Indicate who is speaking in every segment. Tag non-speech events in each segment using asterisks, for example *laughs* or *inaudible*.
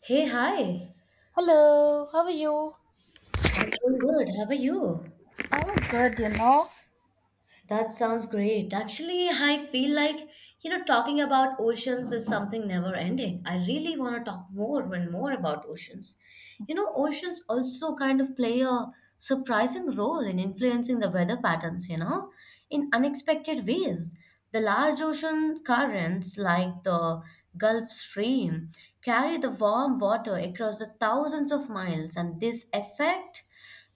Speaker 1: Hey, hi.
Speaker 2: Hello, how are you?
Speaker 1: I'm doing good. How are you?
Speaker 2: I'm good, you know.
Speaker 1: That sounds great. Actually, I feel like, talking about oceans is something never ending. I really want to talk more and more about oceans. You know, oceans also kind of play a surprising role in influencing the weather patterns, in unexpected ways. The large ocean currents, like the Gulf Stream, carry the warm water across the thousands of miles, and this effect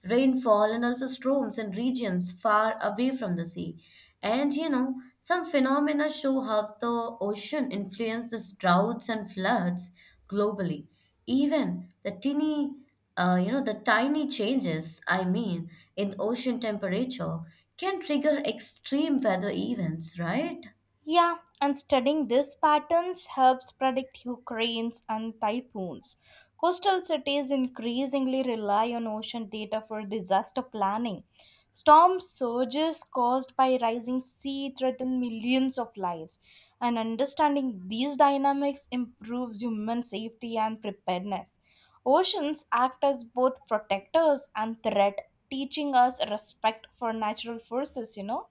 Speaker 1: rainfall and also storms in regions far away from the sea. And you know, some phenomena show how the ocean influences droughts and floods globally. Even the tiny, the tiny changes, I mean, in ocean temperature can trigger extreme weather events, right?
Speaker 2: Yeah, and studying these patterns helps predict hurricanes and typhoons. Coastal cities increasingly rely on ocean data for disaster planning. Storm surges caused by rising sea threaten millions of lives, and understanding these dynamics improves human safety and preparedness. Oceans act as both protectors and threat, teaching us respect for natural forces, you know.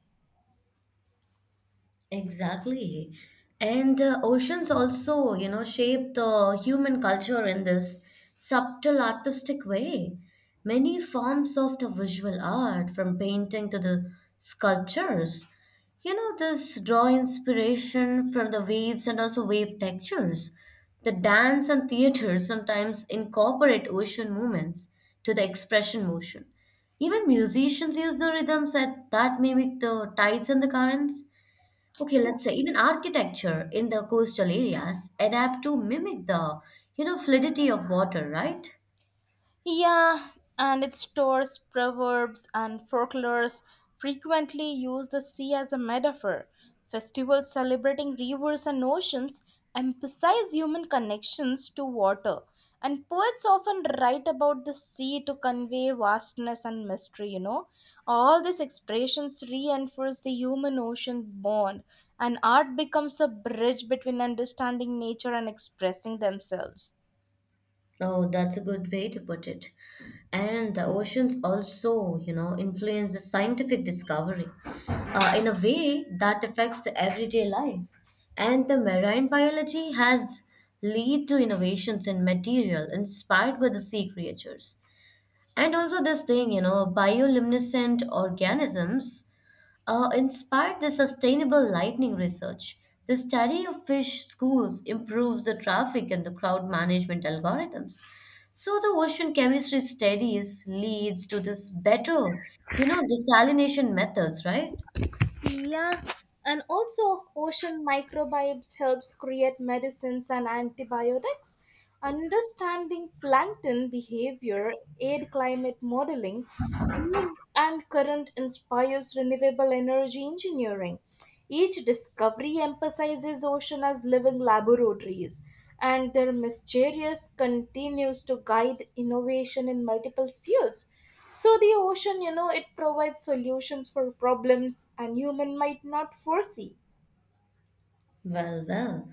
Speaker 1: Exactly. And oceans also, shape the human culture in this subtle artistic way. Many forms of the visual art, from painting to the sculptures, this draw inspiration from the waves and also wave textures. The dance and theater *laughs* sometimes incorporate ocean movements to the expression motion. Even musicians use the rhythms that mimic the tides and the currents. Okay, let's say even architecture in the coastal areas adapt to mimic the, fluidity of water, right?
Speaker 2: Yeah, and its stores, proverbs, and folklores frequently use the sea as a metaphor. Festivals celebrating rivers and oceans emphasize human connections to water, and poets often write about the sea to convey vastness and mystery, you know. All these expressions reinforce the human ocean bond, and art becomes a bridge between understanding nature and expressing themselves.
Speaker 1: Oh, that's a good way to put it. And the oceans also, influence the scientific discovery in a way that affects the everyday life. And the marine biology has lead to innovations in material inspired by the sea creatures. And also, this thing, you know, bioluminescent organisms inspired the sustainable lightning research. The study of fish schools improves the traffic and the crowd management algorithms. So, the ocean chemistry studies leads to this better, desalination methods, right?
Speaker 2: Yeah, and also ocean microbiomes helps create medicines and antibiotics. Understanding plankton behavior, aid climate modeling, waves and current inspires renewable energy engineering. Each discovery emphasizes ocean as living laboratories, and their mysterious continues to guide innovation in multiple fields. So the ocean, you know, it provides solutions for problems and human might not foresee.
Speaker 1: Well,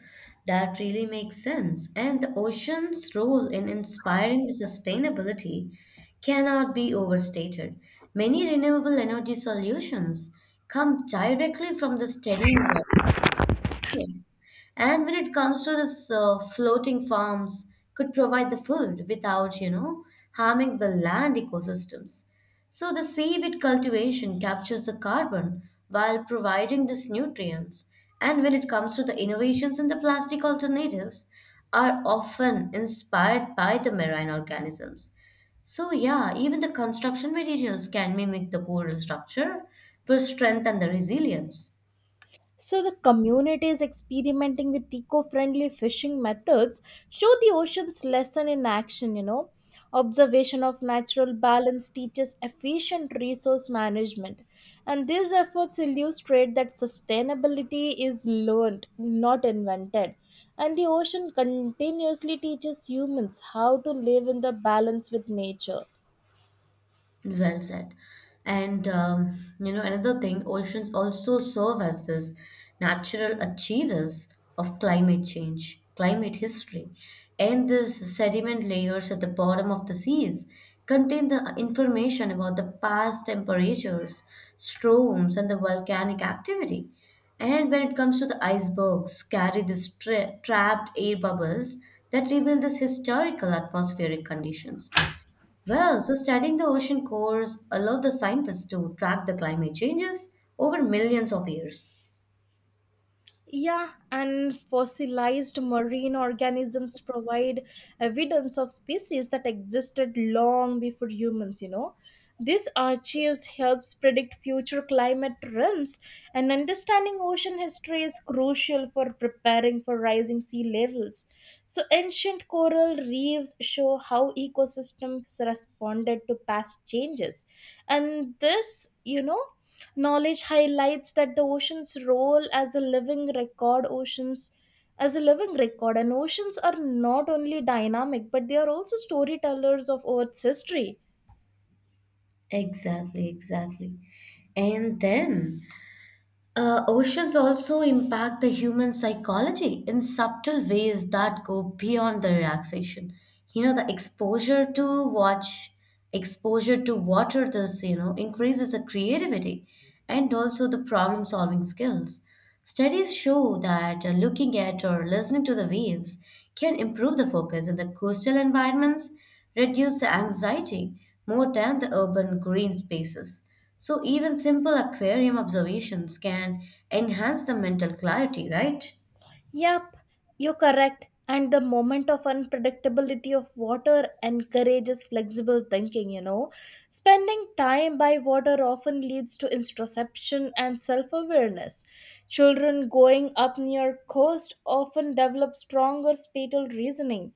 Speaker 1: that really makes sense. And the ocean's role in inspiring the sustainability cannot be overstated. Many renewable energy solutions come directly from the steadying water. And when it comes to this floating farms, could provide the food without, harming the land ecosystems. So the seaweed cultivation captures the carbon while providing these nutrients. And when it comes to the innovations in the plastic alternatives, are often inspired by the marine organisms. So yeah, even the construction materials can mimic the coral structure for strength and the resilience.
Speaker 2: So the communities experimenting with eco-friendly fishing methods show the ocean's lesson in action, you know. Observation of natural balance teaches efficient resource management. And these efforts illustrate that sustainability is learned, not invented. And the ocean continuously teaches humans how to live in the balance with nature.
Speaker 1: Well said. And you know, another thing, oceans also serve as this natural achievers of climate change, climate history. And these sediment layers at the bottom of the seas contain the information about the past temperatures, storms, and the volcanic activity. And when it comes to the icebergs, carry these trapped air bubbles that reveal these historical atmospheric conditions. Well, so studying the ocean cores allowed the scientists to track the climate changes over millions of years.
Speaker 2: Yeah, and fossilized marine organisms provide evidence of species that existed long before humans, you know. This archives helps predict future climate trends, and understanding ocean history is crucial for preparing for rising sea levels. So, ancient coral reefs show how ecosystems responded to past changes, and this, you know knowledge highlights that the ocean's role as a living record, oceans as a living record, and oceans are not only dynamic but they are also storytellers of Earth's history.
Speaker 1: Exactly, exactly. And then oceans also impact the human psychology in subtle ways that go beyond the relaxation. You know, the exposure to water, this, you know, increases the creativity and also the problem solving skills. Studies show that looking at or listening to the waves can improve the focus in the coastal environments, reduce the anxiety more than the urban green spaces. So, even simple aquarium observations can enhance the mental clarity, right?
Speaker 2: Yep, you're correct. And the moment of unpredictability of water encourages flexible thinking, you know. Spending time by water often leads to introspection and self-awareness. Children growing up near coast often develop stronger spatial reasoning,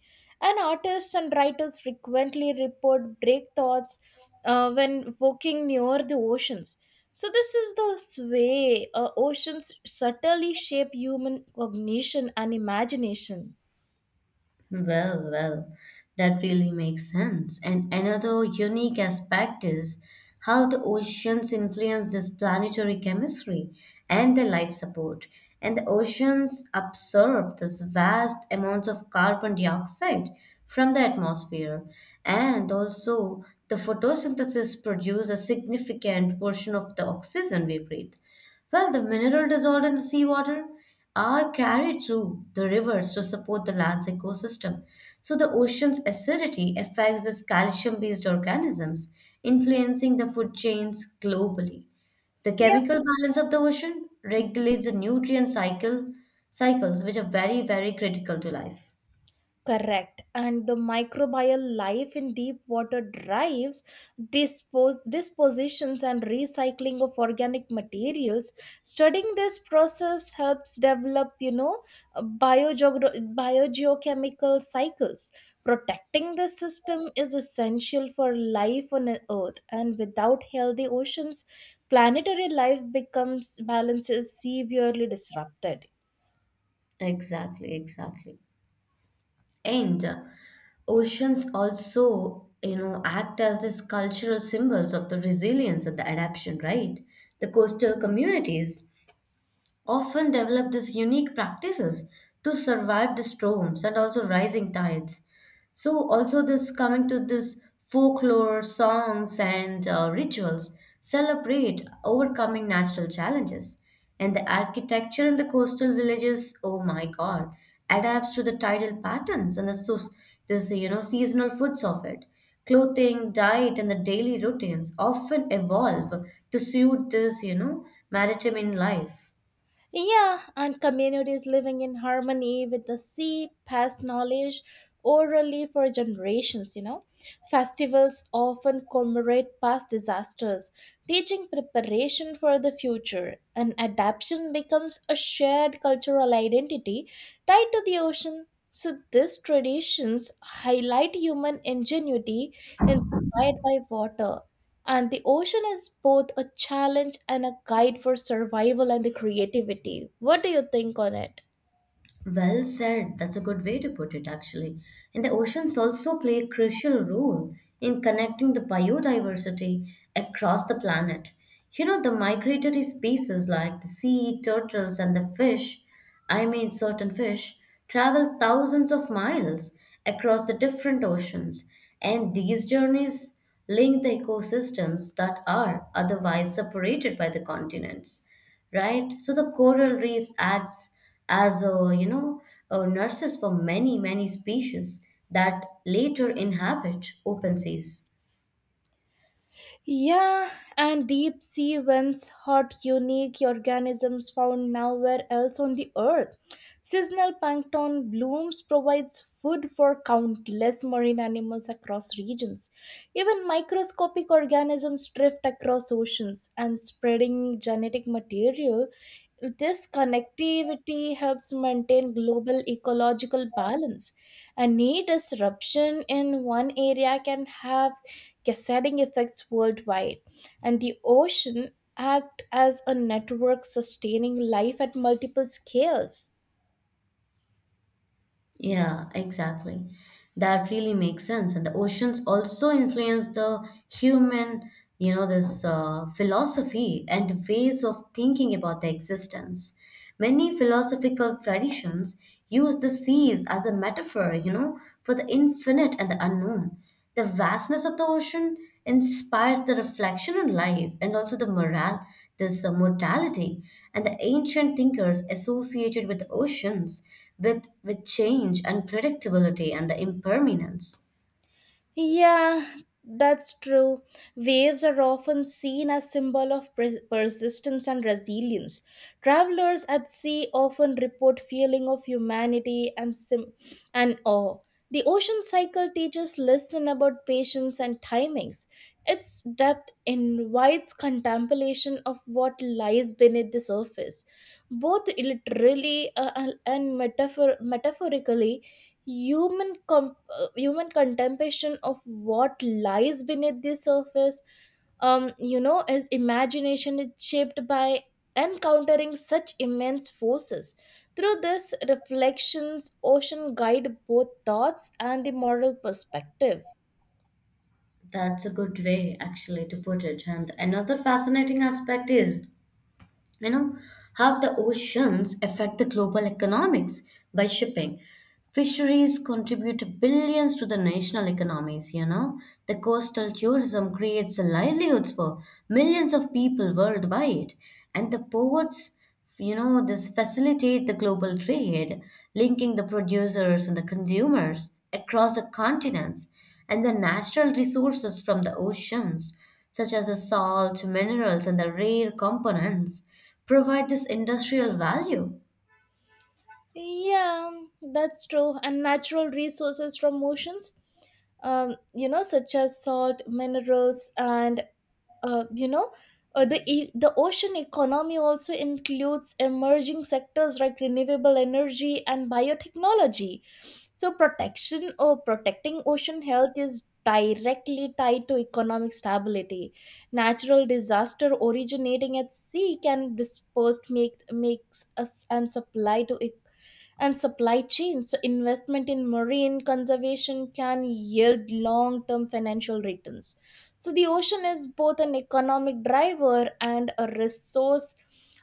Speaker 2: and artists and writers frequently report break thoughts when walking near the oceans. So this is the way oceans subtly shape human cognition and imagination.
Speaker 1: Well, that really makes sense. And another unique aspect is how the oceans influence this planetary chemistry and the life support. And the oceans absorb this vast amounts of carbon dioxide from the atmosphere. And also, the photosynthesis produces a significant portion of the oxygen we breathe. Well, the mineral dissolved in the seawater are carried through the rivers to support the land's ecosystem. So the ocean's acidity affects these calcium-based organisms, influencing the food chains globally. The
Speaker 2: Yeah.
Speaker 1: chemical balance of the ocean
Speaker 2: Mhm.
Speaker 1: regulates the nutrient cycle cycles, which are very, very critical to life.
Speaker 2: Correct. And the microbial life in deep water drives dispositions and recycling of organic materials. Studying this process helps develop, you know, biogeochemical cycles. Protecting the system is essential for life on Earth, and without healthy oceans, planetary life becomes balances severely disrupted.
Speaker 1: Exactly, exactly. And oceans also, act as these cultural symbols of the resilience and the adaptation, right? The coastal communities often develop these unique practices to survive the storms and also rising tides. So, also this coming to this folklore, songs, and rituals celebrate overcoming natural challenges. And the architecture in the coastal villages, oh my God, adapts to the tidal patterns and the so this you know seasonal foods of it. Clothing, diet, and the daily routines often evolve to suit this you know maritime in life.
Speaker 2: Yeah, and communities living in harmony with the sea pass knowledge orally for generations, you know. Festivals often commemorate past disasters, teaching preparation for the future, and adaptation becomes a shared cultural identity tied to the ocean. So, these traditions highlight human ingenuity inspired by water, and the ocean is both a challenge and a guide for survival and the creativity. What do you think on it?
Speaker 1: Well said. That's a good way to put it, actually. And the oceans also play a crucial role in connecting the biodiversity across the planet. You know, the migratory species like the sea turtles and the fish, I mean, certain fish, travel thousands of miles across the different oceans. And these journeys link the ecosystems that are otherwise separated by the continents, right? So the coral reefs acts as a you know a nurses for many many species that later inhabit open seas.
Speaker 2: Yeah, and deep sea vents hot, unique organisms found nowhere else on the earth. Seasonal plankton blooms provides food for countless marine animals across regions. Even microscopic organisms drift across oceans and spreading genetic material. This connectivity helps maintain global ecological balance. Any disruption in one area can have cascading effects worldwide, and the ocean act as a network sustaining life at multiple scales.
Speaker 1: Yeah, exactly. That really makes sense. And the oceans also influence the human, you know, this philosophy and ways of thinking about the existence. Many philosophical traditions use the seas as a metaphor, you know, for the infinite and the unknown. The vastness of the ocean inspires the reflection on life and also the morale, this mortality, and the ancient thinkers associated with oceans with change, unpredictability, and the impermanence.
Speaker 2: Yeah, that's true. Waves are often seen as symbol of persistence and resilience. Travelers at sea often report feeling of humanity and and awe. The ocean cycle teaches lesson about patience and timings. Its depth invites contemplation of what lies beneath the surface. Both literally and metaphorically, human human contemplation of what lies beneath the surface you know, his imagination is shaped by encountering such immense forces. Through this reflections ocean guide both thoughts and the moral perspective.
Speaker 1: That's a good way, actually, to put it. And another fascinating aspect is you know how the oceans affect the global economics by shipping fisheries contribute billions to the national economies, you know, the coastal tourism creates livelihoods for millions of people worldwide. And the ports, this facilitate the global trade, linking the producers and the consumers across the continents. And the natural resources from the oceans, such as the salt, minerals, and the rare components, provide this industrial value.
Speaker 2: Yeah, that's true. And natural resources from oceans, you know, such as salt minerals and uh, you know the the ocean economy also includes emerging sectors like renewable energy and biotechnology. So protection or protecting ocean health is directly tied to economic stability. Natural disaster originating at sea can dispersed make makes us and supply to and supply chains. So investment in marine conservation can yield long term financial returns. So the ocean is both an economic driver and a resource,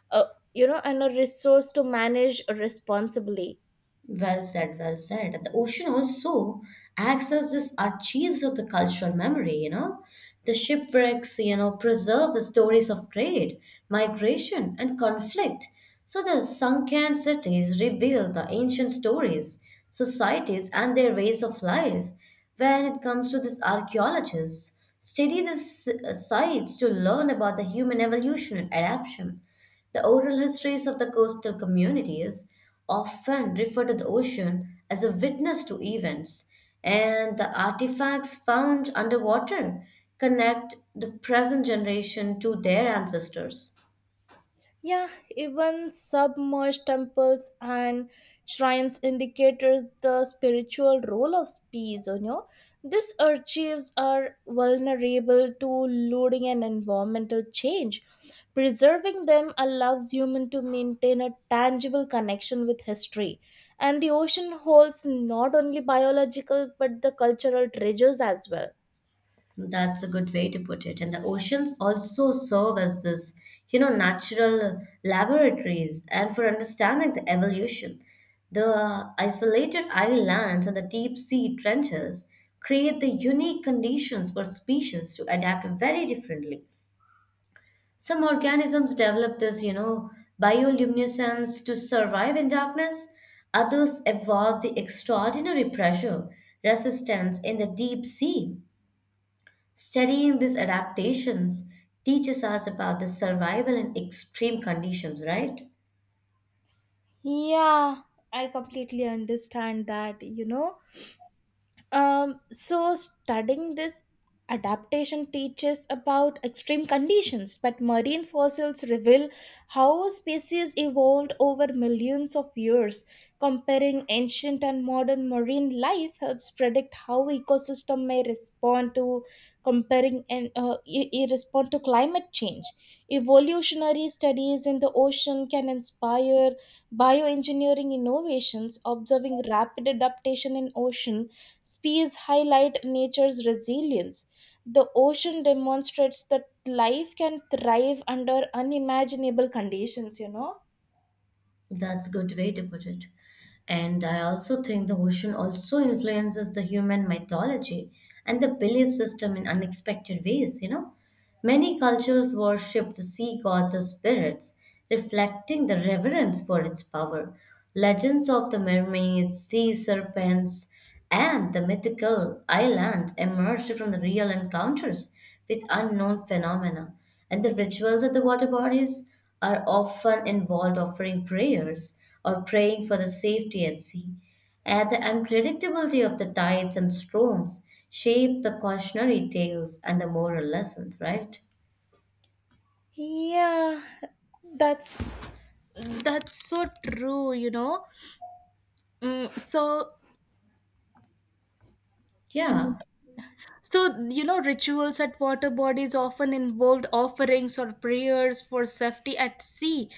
Speaker 2: uh, you know, and a resource to manage responsibly.
Speaker 1: Well said. And the ocean also acts as this archives of the cultural memory, you know. The shipwrecks, you know, preserve the stories of trade, migration, and conflict. So the sunken cities reveal the ancient stories, societies, and their ways of life. When it comes to this archaeologists, study the sites to learn about the human evolution and adaptation. The oral histories of the coastal communities often refer to the ocean as a witness to events, and the artifacts found underwater connect the present generation to their ancestors.
Speaker 2: Yeah, even submerged temples and shrines indicators the spiritual role of space, you know. These archives are vulnerable to looting and environmental change. Preserving them allows humans to maintain a tangible connection with history. And the ocean holds not only biological but the cultural treasures as well.
Speaker 1: That's a good way to put it. And the oceans also serve as this, natural laboratories and for understanding the evolution. The isolated islands and the deep sea trenches create the unique conditions for species to adapt very differently. Some organisms develop this, bioluminescence to survive in darkness. Others evolve the extraordinary pressure resistance in the deep sea. Studying these adaptations teaches us about the survival in extreme conditions, right?
Speaker 2: Yeah, I completely understand that, you know. So studying this adaptation teaches about extreme conditions, but marine fossils reveal how species evolved over millions of years. Comparing ancient and modern marine life helps predict how ecosystem may respond to comparing and e- e- respond to climate change. Evolutionary studies in the ocean can inspire bioengineering innovations. Observing rapid adaptation in ocean species highlight nature's resilience. The ocean demonstrates that life can thrive under unimaginable conditions, you know?
Speaker 1: That's good way to put it. And I also think the ocean also influences the human mythology and the belief system in unexpected ways, you know. Many cultures worship the sea gods or spirits, reflecting the reverence for its power. Legends of the mermaids, sea serpents, and the mythical island emerged from the real encounters with unknown phenomena. And the rituals at the water bodies are often involved offering prayers or praying for the safety at sea. And the unpredictability of the tides and storms shape the cautionary tales and the moral lessons, right?
Speaker 2: Yeah, that's that's so true, you know. Mm, so
Speaker 1: Yeah.
Speaker 2: mm, So, you know, rituals at water bodies often involved offerings or prayers for safety at sea.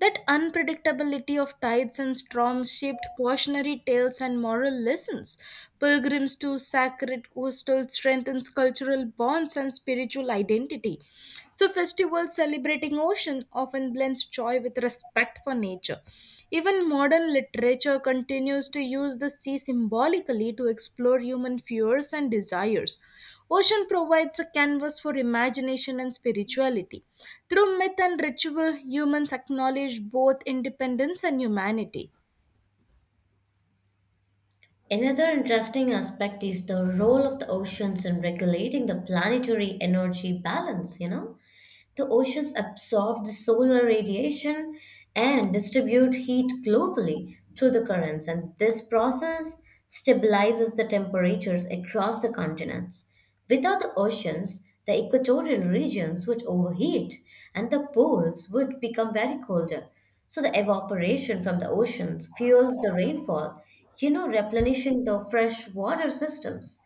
Speaker 2: That unpredictability of tides and storms shaped cautionary tales and moral lessons. Pilgrims to sacred coastal strengthens cultural bonds and spiritual identity. So, festivals celebrating ocean often blends joy with respect for nature. Even modern literature continues to use the sea symbolically to explore human fears and desires. Ocean provides a canvas for imagination and spirituality. Through myth and ritual, humans acknowledge both independence and humanity.
Speaker 1: Another interesting aspect is the role of the oceans in regulating the planetary energy balance, you know? The oceans absorb the solar radiation and distribute heat globally through the currents, and this process stabilizes the temperatures across the continents. Without the oceans, the equatorial regions would overheat and the poles would become very colder. So, the evaporation from the oceans fuels the rainfall, replenishing the freshwater systems.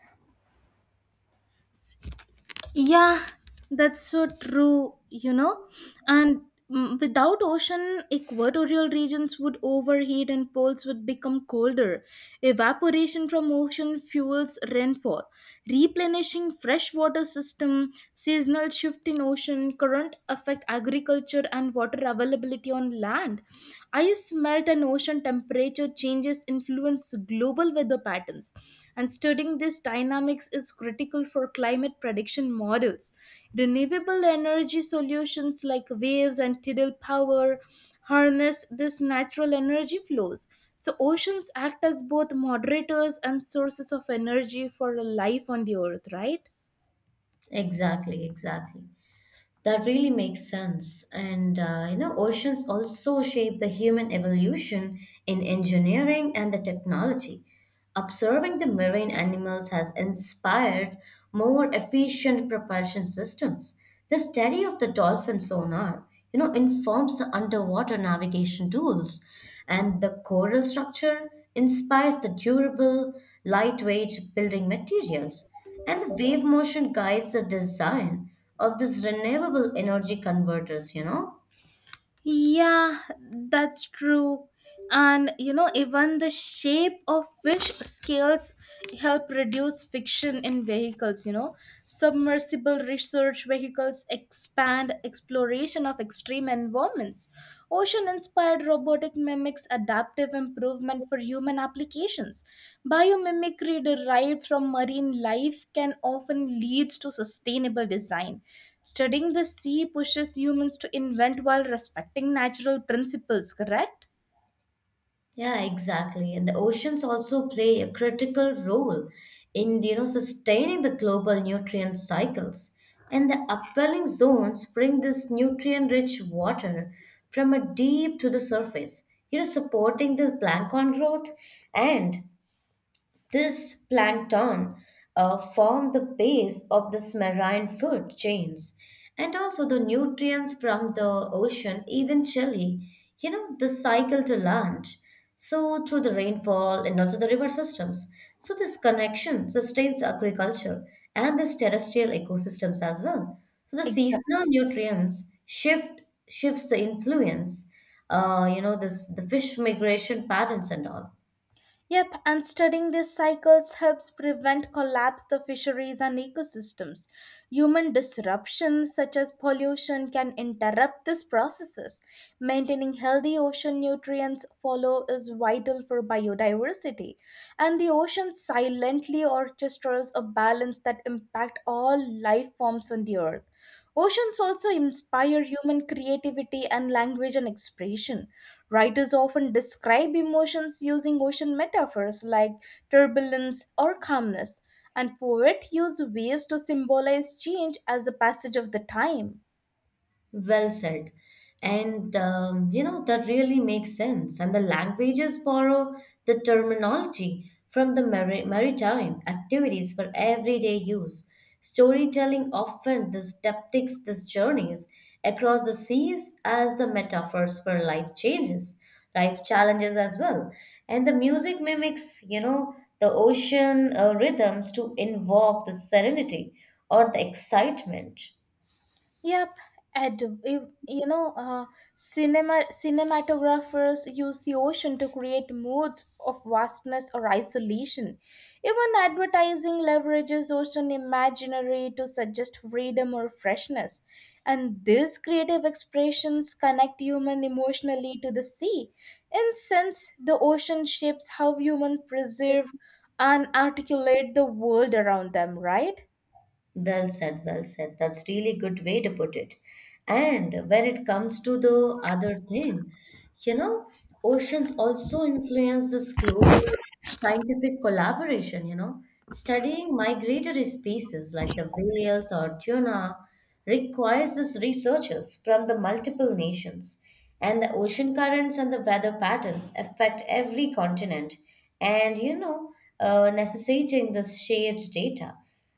Speaker 2: Yeah, that's so true, you know. And without ocean, equatorial regions would overheat and poles would become colder. Evaporation from ocean fuels rainfall, replenishing freshwater system, seasonal shift in ocean current affect agriculture and water availability on land. I smell climate and ocean temperature changes influence global weather patterns, and studying these dynamics is critical for climate prediction models. Renewable energy solutions like waves and tidal power harness these natural energy flows. So, oceans act as both moderators and sources of energy for life on the earth, right?
Speaker 1: Exactly, exactly. That really makes sense. And you know, oceans also shape the human evolution in engineering and the technology. Observing the marine animals has inspired more efficient propulsion systems. The study of the dolphin sonar, informs the underwater navigation tools, and the coral structure inspires the durable, lightweight building materials. And the wave motion guides the design of these renewable energy converters, you know?
Speaker 2: Yeah, that's true. And you know, even the shape of fish scales help reduce friction in vehicles, you know. Submersible research vehicles expand exploration of extreme environments. Ocean inspired robotic mimics adaptive improvement for human applications. Biomimicry derived from marine life can often leads to sustainable design. Studying the sea pushes humans to invent while respecting natural principles, correct?
Speaker 1: Yeah, exactly. And the oceans also play a critical role in, sustaining the global nutrient cycles. And the upwelling zones bring this nutrient-rich water from a deep to the surface, supporting this plankton growth and this plankton form the base of the marine food chains, and also the nutrients from the ocean eventually, the cycle to land. So through the rainfall and also the river systems. So this connection sustains agriculture and this terrestrial ecosystems as well. So the seasonal nutrients shifts the influence, this the fish migration patterns and all.
Speaker 2: Yep, and studying these cycles helps prevent collapse of fisheries and ecosystems. Human disruptions such as pollution can interrupt these processes. Maintaining healthy ocean nutrients follow is vital for biodiversity, and the ocean silently orchestras a balance that impact all life forms on the earth. Oceans also inspire human creativity and language and expression. Writers often describe emotions using ocean metaphors like turbulence or calmness, and poets use waves to symbolize change as the passage of the time.
Speaker 1: Well said. And you know, that really makes sense. And the languages borrow the terminology from the maritime activities for everyday use. Storytelling often depicts these journeys across the seas as the metaphors for life changes, life challenges as well. And the music mimics, the ocean rhythms to invoke the serenity or the excitement.
Speaker 2: Yep, and cinema cinematographers use the ocean to create moods of vastness or isolation. Even advertising leverages ocean imaginary to suggest freedom or freshness. And these creative expressions connect human emotionally to the sea. In sense, the ocean shapes how humans preserve and articulate the world around them, right?
Speaker 1: Well said, well said. That's really good way to put it. And when it comes to the other thing, you know, oceans also influence this global scientific collaboration, Studying migratory species like the whales or tuna requires this researchers from the multiple nations. And the ocean currents and the weather patterns affect every continent. And necessitating this shared data.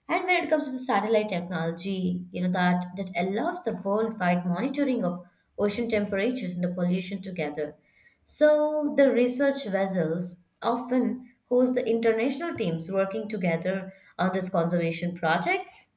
Speaker 1: And when it comes to the satellite technology, you know that allows the worldwide monitoring of ocean temperatures and the pollution together. So the research vessels often host the international teams working together on these conservation projects.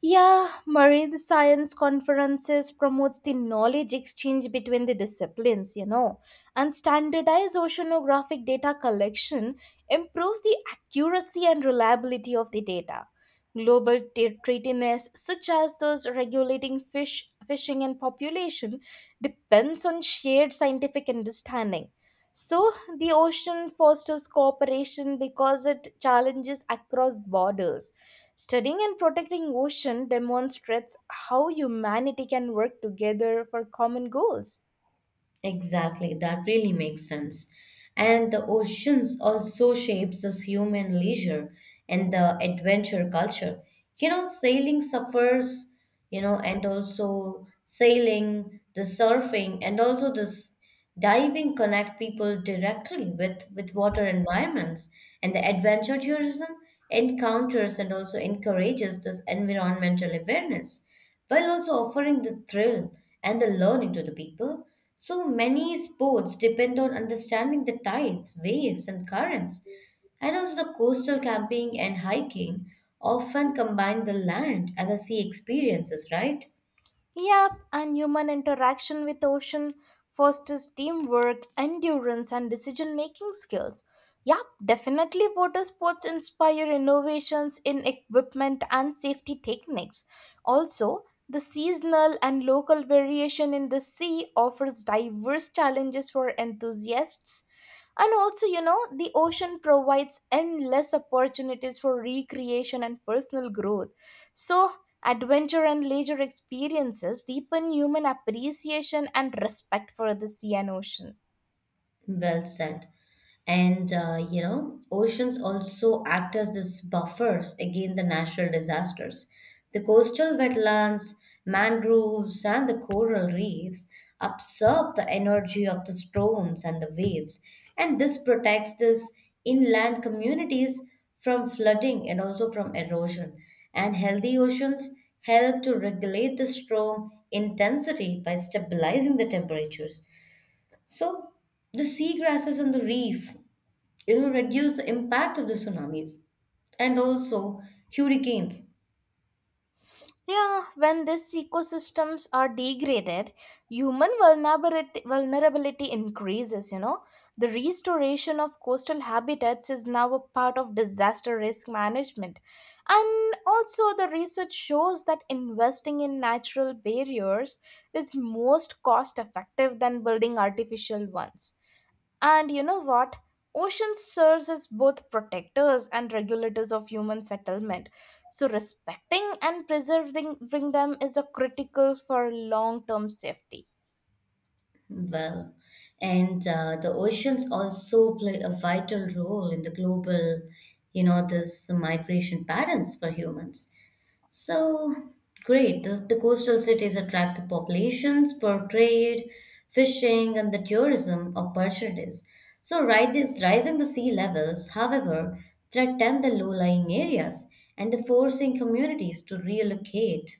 Speaker 2: Yeah, marine science conferences promotes the knowledge exchange between the disciplines, you know, and standardized oceanographic data collection improves the accuracy and reliability of the data. Global treatiness, such as those regulating fish fishing and population, depends on shared scientific understanding. So the ocean fosters cooperation because it challenges across borders. Studying and protecting ocean demonstrates how humanity can work together for common goals.
Speaker 1: Exactly, that really makes sense. And the oceans also shapes us human leisure and the adventure culture. You know, sailing suffers, and also sailing, the surfing, and also this diving connect people directly with water environments and the adventure tourism encounters and also encourages this environmental awareness while also offering the thrill and the learning to the people. So many sports depend on understanding the tides, waves and currents. And also the coastal camping and hiking often combine the land and the sea experiences, right?
Speaker 2: Yep, and human interaction with ocean fosters teamwork, endurance, and decision making skills. Yep, definitely water sports inspire innovations in equipment and safety techniques. Also, the seasonal and local variation in the sea offers diverse challenges for enthusiasts. And also, you know, the ocean provides endless opportunities for recreation and personal growth. So, adventure and leisure experiences deepen human appreciation and respect for the sea and ocean.
Speaker 1: Well said. And oceans also act as these buffers against the natural disasters. The coastal wetlands, mangroves, and the coral reefs absorb the energy of the storms and the waves, and this protects these inland communities from flooding and also from erosion. And healthy oceans help to regulate the storm intensity by stabilizing the temperatures. So the seagrasses on the reef it'll reduce the impact of the tsunamis and also hurricanes.
Speaker 2: Yeah, when these ecosystems are degraded, human vulnerability increases, you know. The restoration of coastal habitats is now a part of disaster risk management. And also, the research shows that investing in natural barriers is most cost effective than building artificial ones, and you know what? Ocean serves as both protectors and regulators of human settlement. So respecting and preserving them is a critical for long-term safety.
Speaker 1: Well, and the oceans also play a vital role in the global, this migration patterns for humans. So great. The coastal cities attract the populations for trade, fishing, and the tourism opportunities. So, rising the sea levels, however, threaten the low-lying areas and the forcing communities to relocate.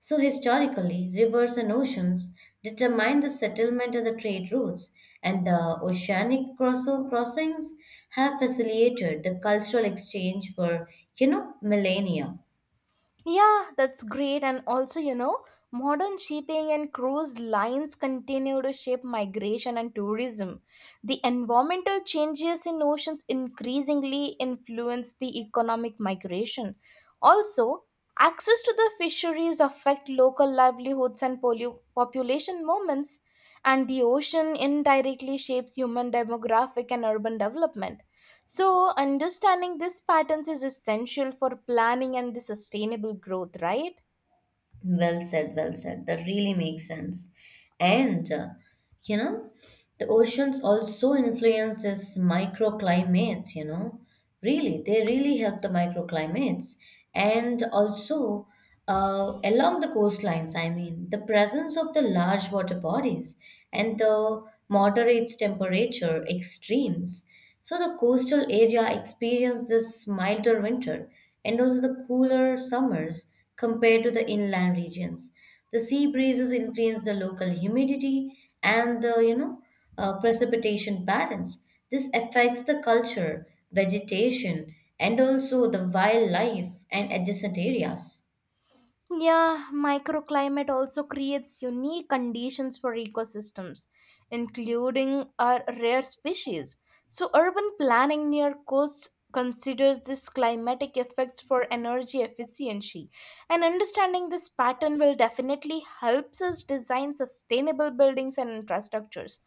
Speaker 1: So historically, rivers and oceans determine the settlement and the trade routes, and the crossings have facilitated the cultural exchange for, millennia.
Speaker 2: Yeah, that's great. And also, you know, modern shipping and cruise lines continue to shape migration and tourism. The environmental changes in oceans increasingly influence the economic migration. Also, access to the fisheries affect local livelihoods and population movements, and the ocean indirectly shapes human demographic and urban development. So, understanding these patterns is essential for planning and the sustainable growth, right?
Speaker 1: Well said, well said. That really makes sense. And, you know, the oceans also influence this microclimates, Really, they really help the microclimates. And also, along the coastlines, I mean, the presence of the large water bodies and the moderates temperature extremes. So the coastal area experience this milder winter and also the cooler summers compared to the inland regions. The sea breezes influence the local humidity and the precipitation patterns. This affects the culture, vegetation, and also the wildlife and adjacent areas.
Speaker 2: Yeah, microclimate also creates unique conditions for ecosystems, including our rare species. So, urban planning near coasts considers these climatic effects for energy efficiency, and understanding this pattern will definitely helps us design sustainable buildings and infrastructures.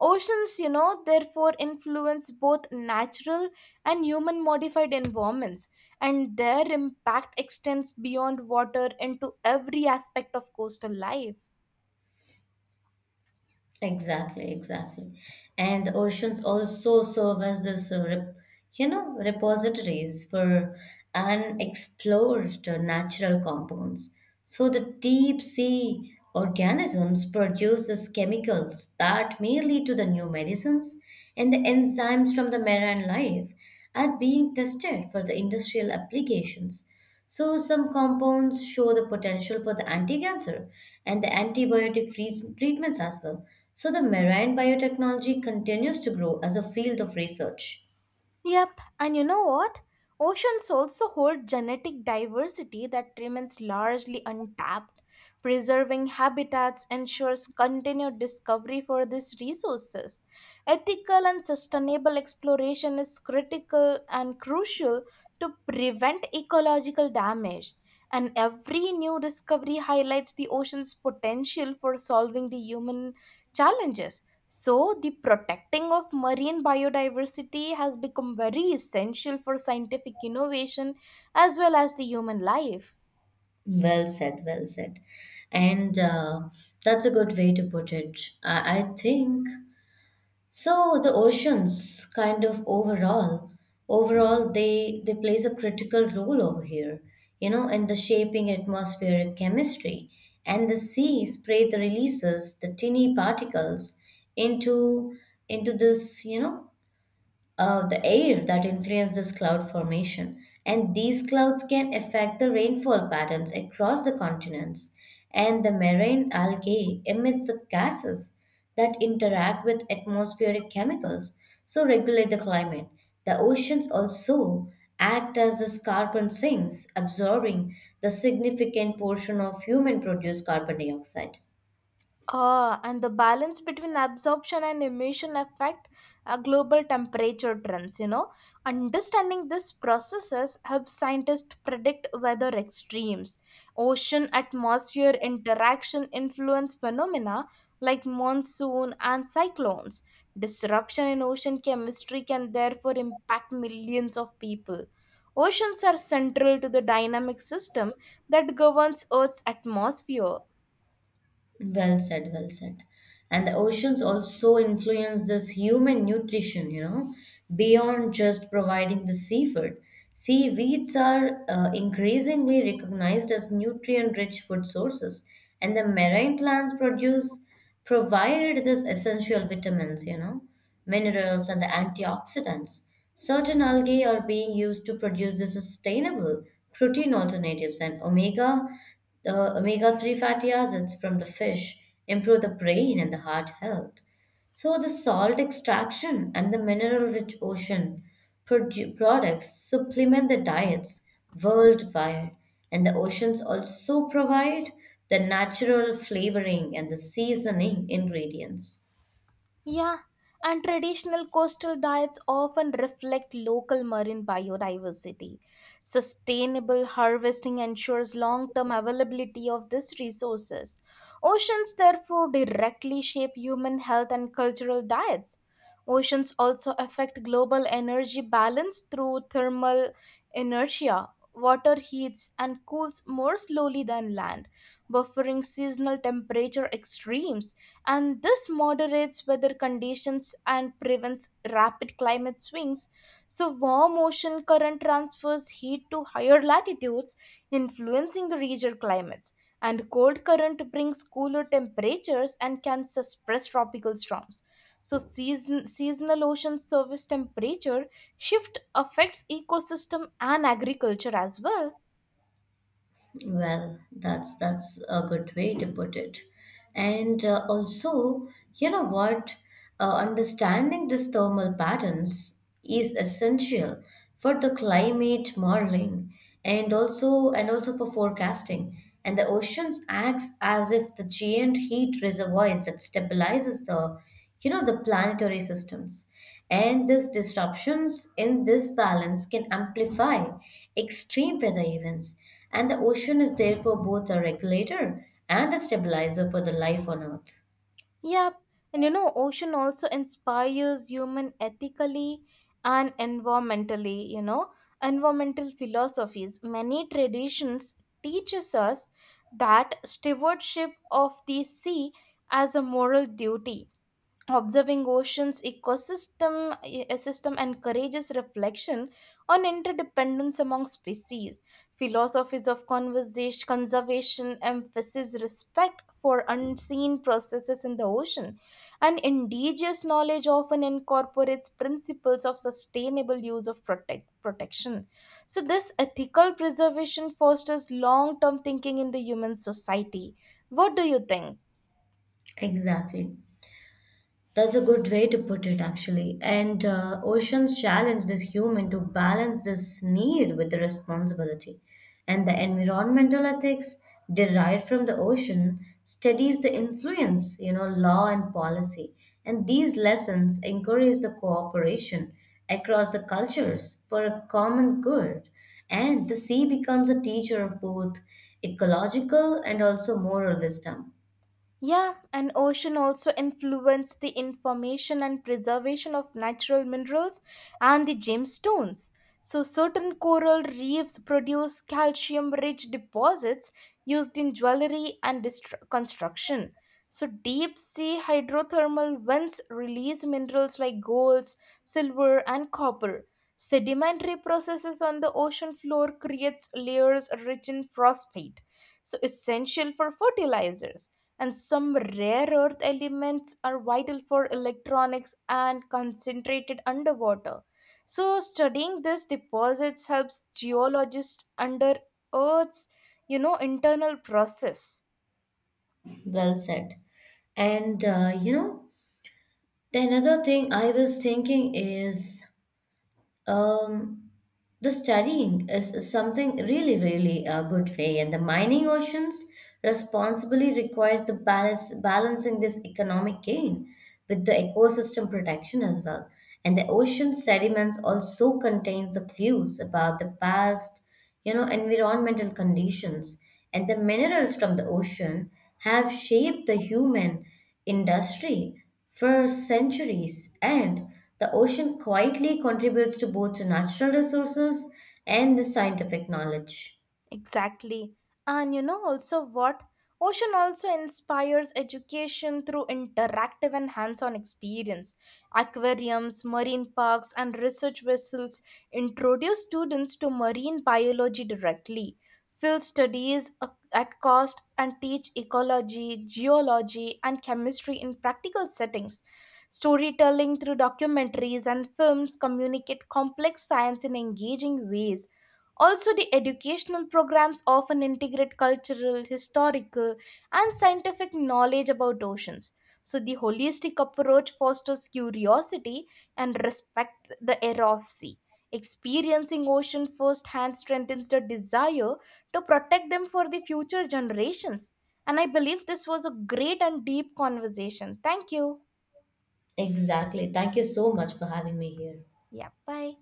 Speaker 2: Oceans, you know, therefore influence both natural and human modified environments, and their impact extends beyond water into every aspect of coastal life.
Speaker 1: Exactly, exactly. And the oceans also serve as this, rep, you know, repositories for unexplored natural compounds. So the deep sea organisms produce these chemicals that may lead to the new medicines and the enzymes from the marine life are being tested for the industrial applications. So, some compounds show the potential for the anti cancer and the treatments as well. So, the marine biotechnology continues to grow as a field of research.
Speaker 2: Yep. And you know what? Oceans also hold genetic diversity that remains largely untapped. Preserving habitats ensures continued discovery for these resources. Ethical and sustainable exploration is critical and crucial to prevent ecological damage. And every new discovery highlights the ocean's potential for solving the human challenges. So, the protecting of marine biodiversity has become very essential for scientific innovation as well as the human life.
Speaker 1: Well said, well said. And that's a good way to put it. I think so the oceans kind of overall they plays a critical role over here, in the shaping atmospheric chemistry and the sea spray the releases the tiny particles into into this you know the air that influences cloud formation, and these clouds can affect the rainfall patterns across the continents. And the marine algae emits the gases that interact with atmospheric chemicals, so regulate the climate. The oceans also act as the carbon sinks, absorbing the significant portion of human produced carbon dioxide.
Speaker 2: Ah, and the balance between absorption and emission affect global temperature trends. You know, understanding these processes helps scientists predict weather extremes. Ocean atmosphere interaction influence phenomena like monsoon and cyclones. Disruption in ocean chemistry can therefore impact millions of people. Oceans are central to the dynamic system that governs Earth's atmosphere.
Speaker 1: Well said, well said. And the oceans also influence this human nutrition, beyond just providing the seafood. Seaweeds are increasingly recognized as nutrient-rich food sources, and the marine plants produce provide this essential vitamins, minerals, and the antioxidants. Certain algae are being used to produce the sustainable protein alternatives and omega-3 fatty acids from the fish improve the brain and the heart health. So the salt extraction and the mineral-rich ocean products supplement the diets worldwide, and the oceans also provide the natural flavoring and the seasoning ingredients.
Speaker 2: Yeah, and traditional coastal diets often reflect local marine biodiversity. Sustainable harvesting ensures long term availability of these resources. Oceans, therefore, directly shape human health and cultural diets. Oceans also affect global energy balance through thermal inertia. Water heats and cools more slowly than land, buffering seasonal temperature extremes, and this moderates weather conditions and prevents rapid climate swings. So, warm ocean current transfers heat to higher latitudes, influencing the regional climates, and cold current brings cooler temperatures and can suppress tropical storms. So seasonal ocean surface temperature shift affects ecosystem and agriculture as well.
Speaker 1: Well, that's a good way to put it. And also, you know what? Understanding these thermal patterns is essential for the climate modeling and also for forecasting. And the oceans acts as if the giant heat reservoirs that stabilizes the the planetary systems, and these disruptions in this balance can amplify extreme weather events, and the ocean is therefore both a regulator and a stabilizer for the life on earth.
Speaker 2: Yep. And you know, ocean also inspires human ethically and environmentally, you know, environmental philosophies. Many traditions teaches us that stewardship of the sea as a moral duty, observing oceans ecosystem system encourages reflection on interdependence among species. Philosophies of conversation conservation emphasize respect for unseen processes in the ocean, and indigenous knowledge often incorporates principles of sustainable use of protection. So this ethical preservation fosters long term thinking in the human society. What do you think?
Speaker 1: Exactly. That's a good way to put it, actually. And oceans challenge this human to balance this need with the responsibility. And the environmental ethics derived from the ocean studies the influence, law and policy. And these lessons encourage the cooperation across the cultures for a common good. And the sea becomes a teacher of both ecological and also moral wisdom.
Speaker 2: Yeah, and ocean also influence the information and preservation of natural minerals and the gemstones. So certain coral reefs produce calcium-rich deposits used in jewelry and construction. So deep sea hydrothermal vents release minerals like gold, silver, and copper. Sedimentary processes on the ocean floor creates layers rich in phosphate so essential for fertilizers, and some rare earth elements are vital for electronics and concentrated underwater. So studying these deposits helps geologists under Earth's, you know, internal process.
Speaker 1: Well said. And the another thing I was thinking is um, the studying is something really, really a good way, and the mining oceans responsibly requires the balance balancing this economic gain with the ecosystem protection as well. And the ocean sediments also contains the clues about the past, environmental conditions, and the minerals from the ocean have shaped the human industry for centuries, and the ocean quietly contributes to both the natural resources and the scientific knowledge.
Speaker 2: Exactly. And you know also what? Ocean also inspires education through interactive and hands on experience. Aquariums, marine parks, and research vessels introduce students to marine biology directly, field studies at cost, and teach ecology, geology, and chemistry in practical settings. Storytelling through documentaries and films communicate complex science in engaging ways. Also, the educational programs often integrate cultural, historical, and scientific knowledge about oceans. So, the holistic approach fosters curiosity and respect the era of sea. Experiencing ocean firsthand strengthens the desire to protect them for the future generations. And I believe this was a great and deep conversation. Thank you.
Speaker 1: Exactly. Thank you so much for having me here.
Speaker 2: Yeah, bye.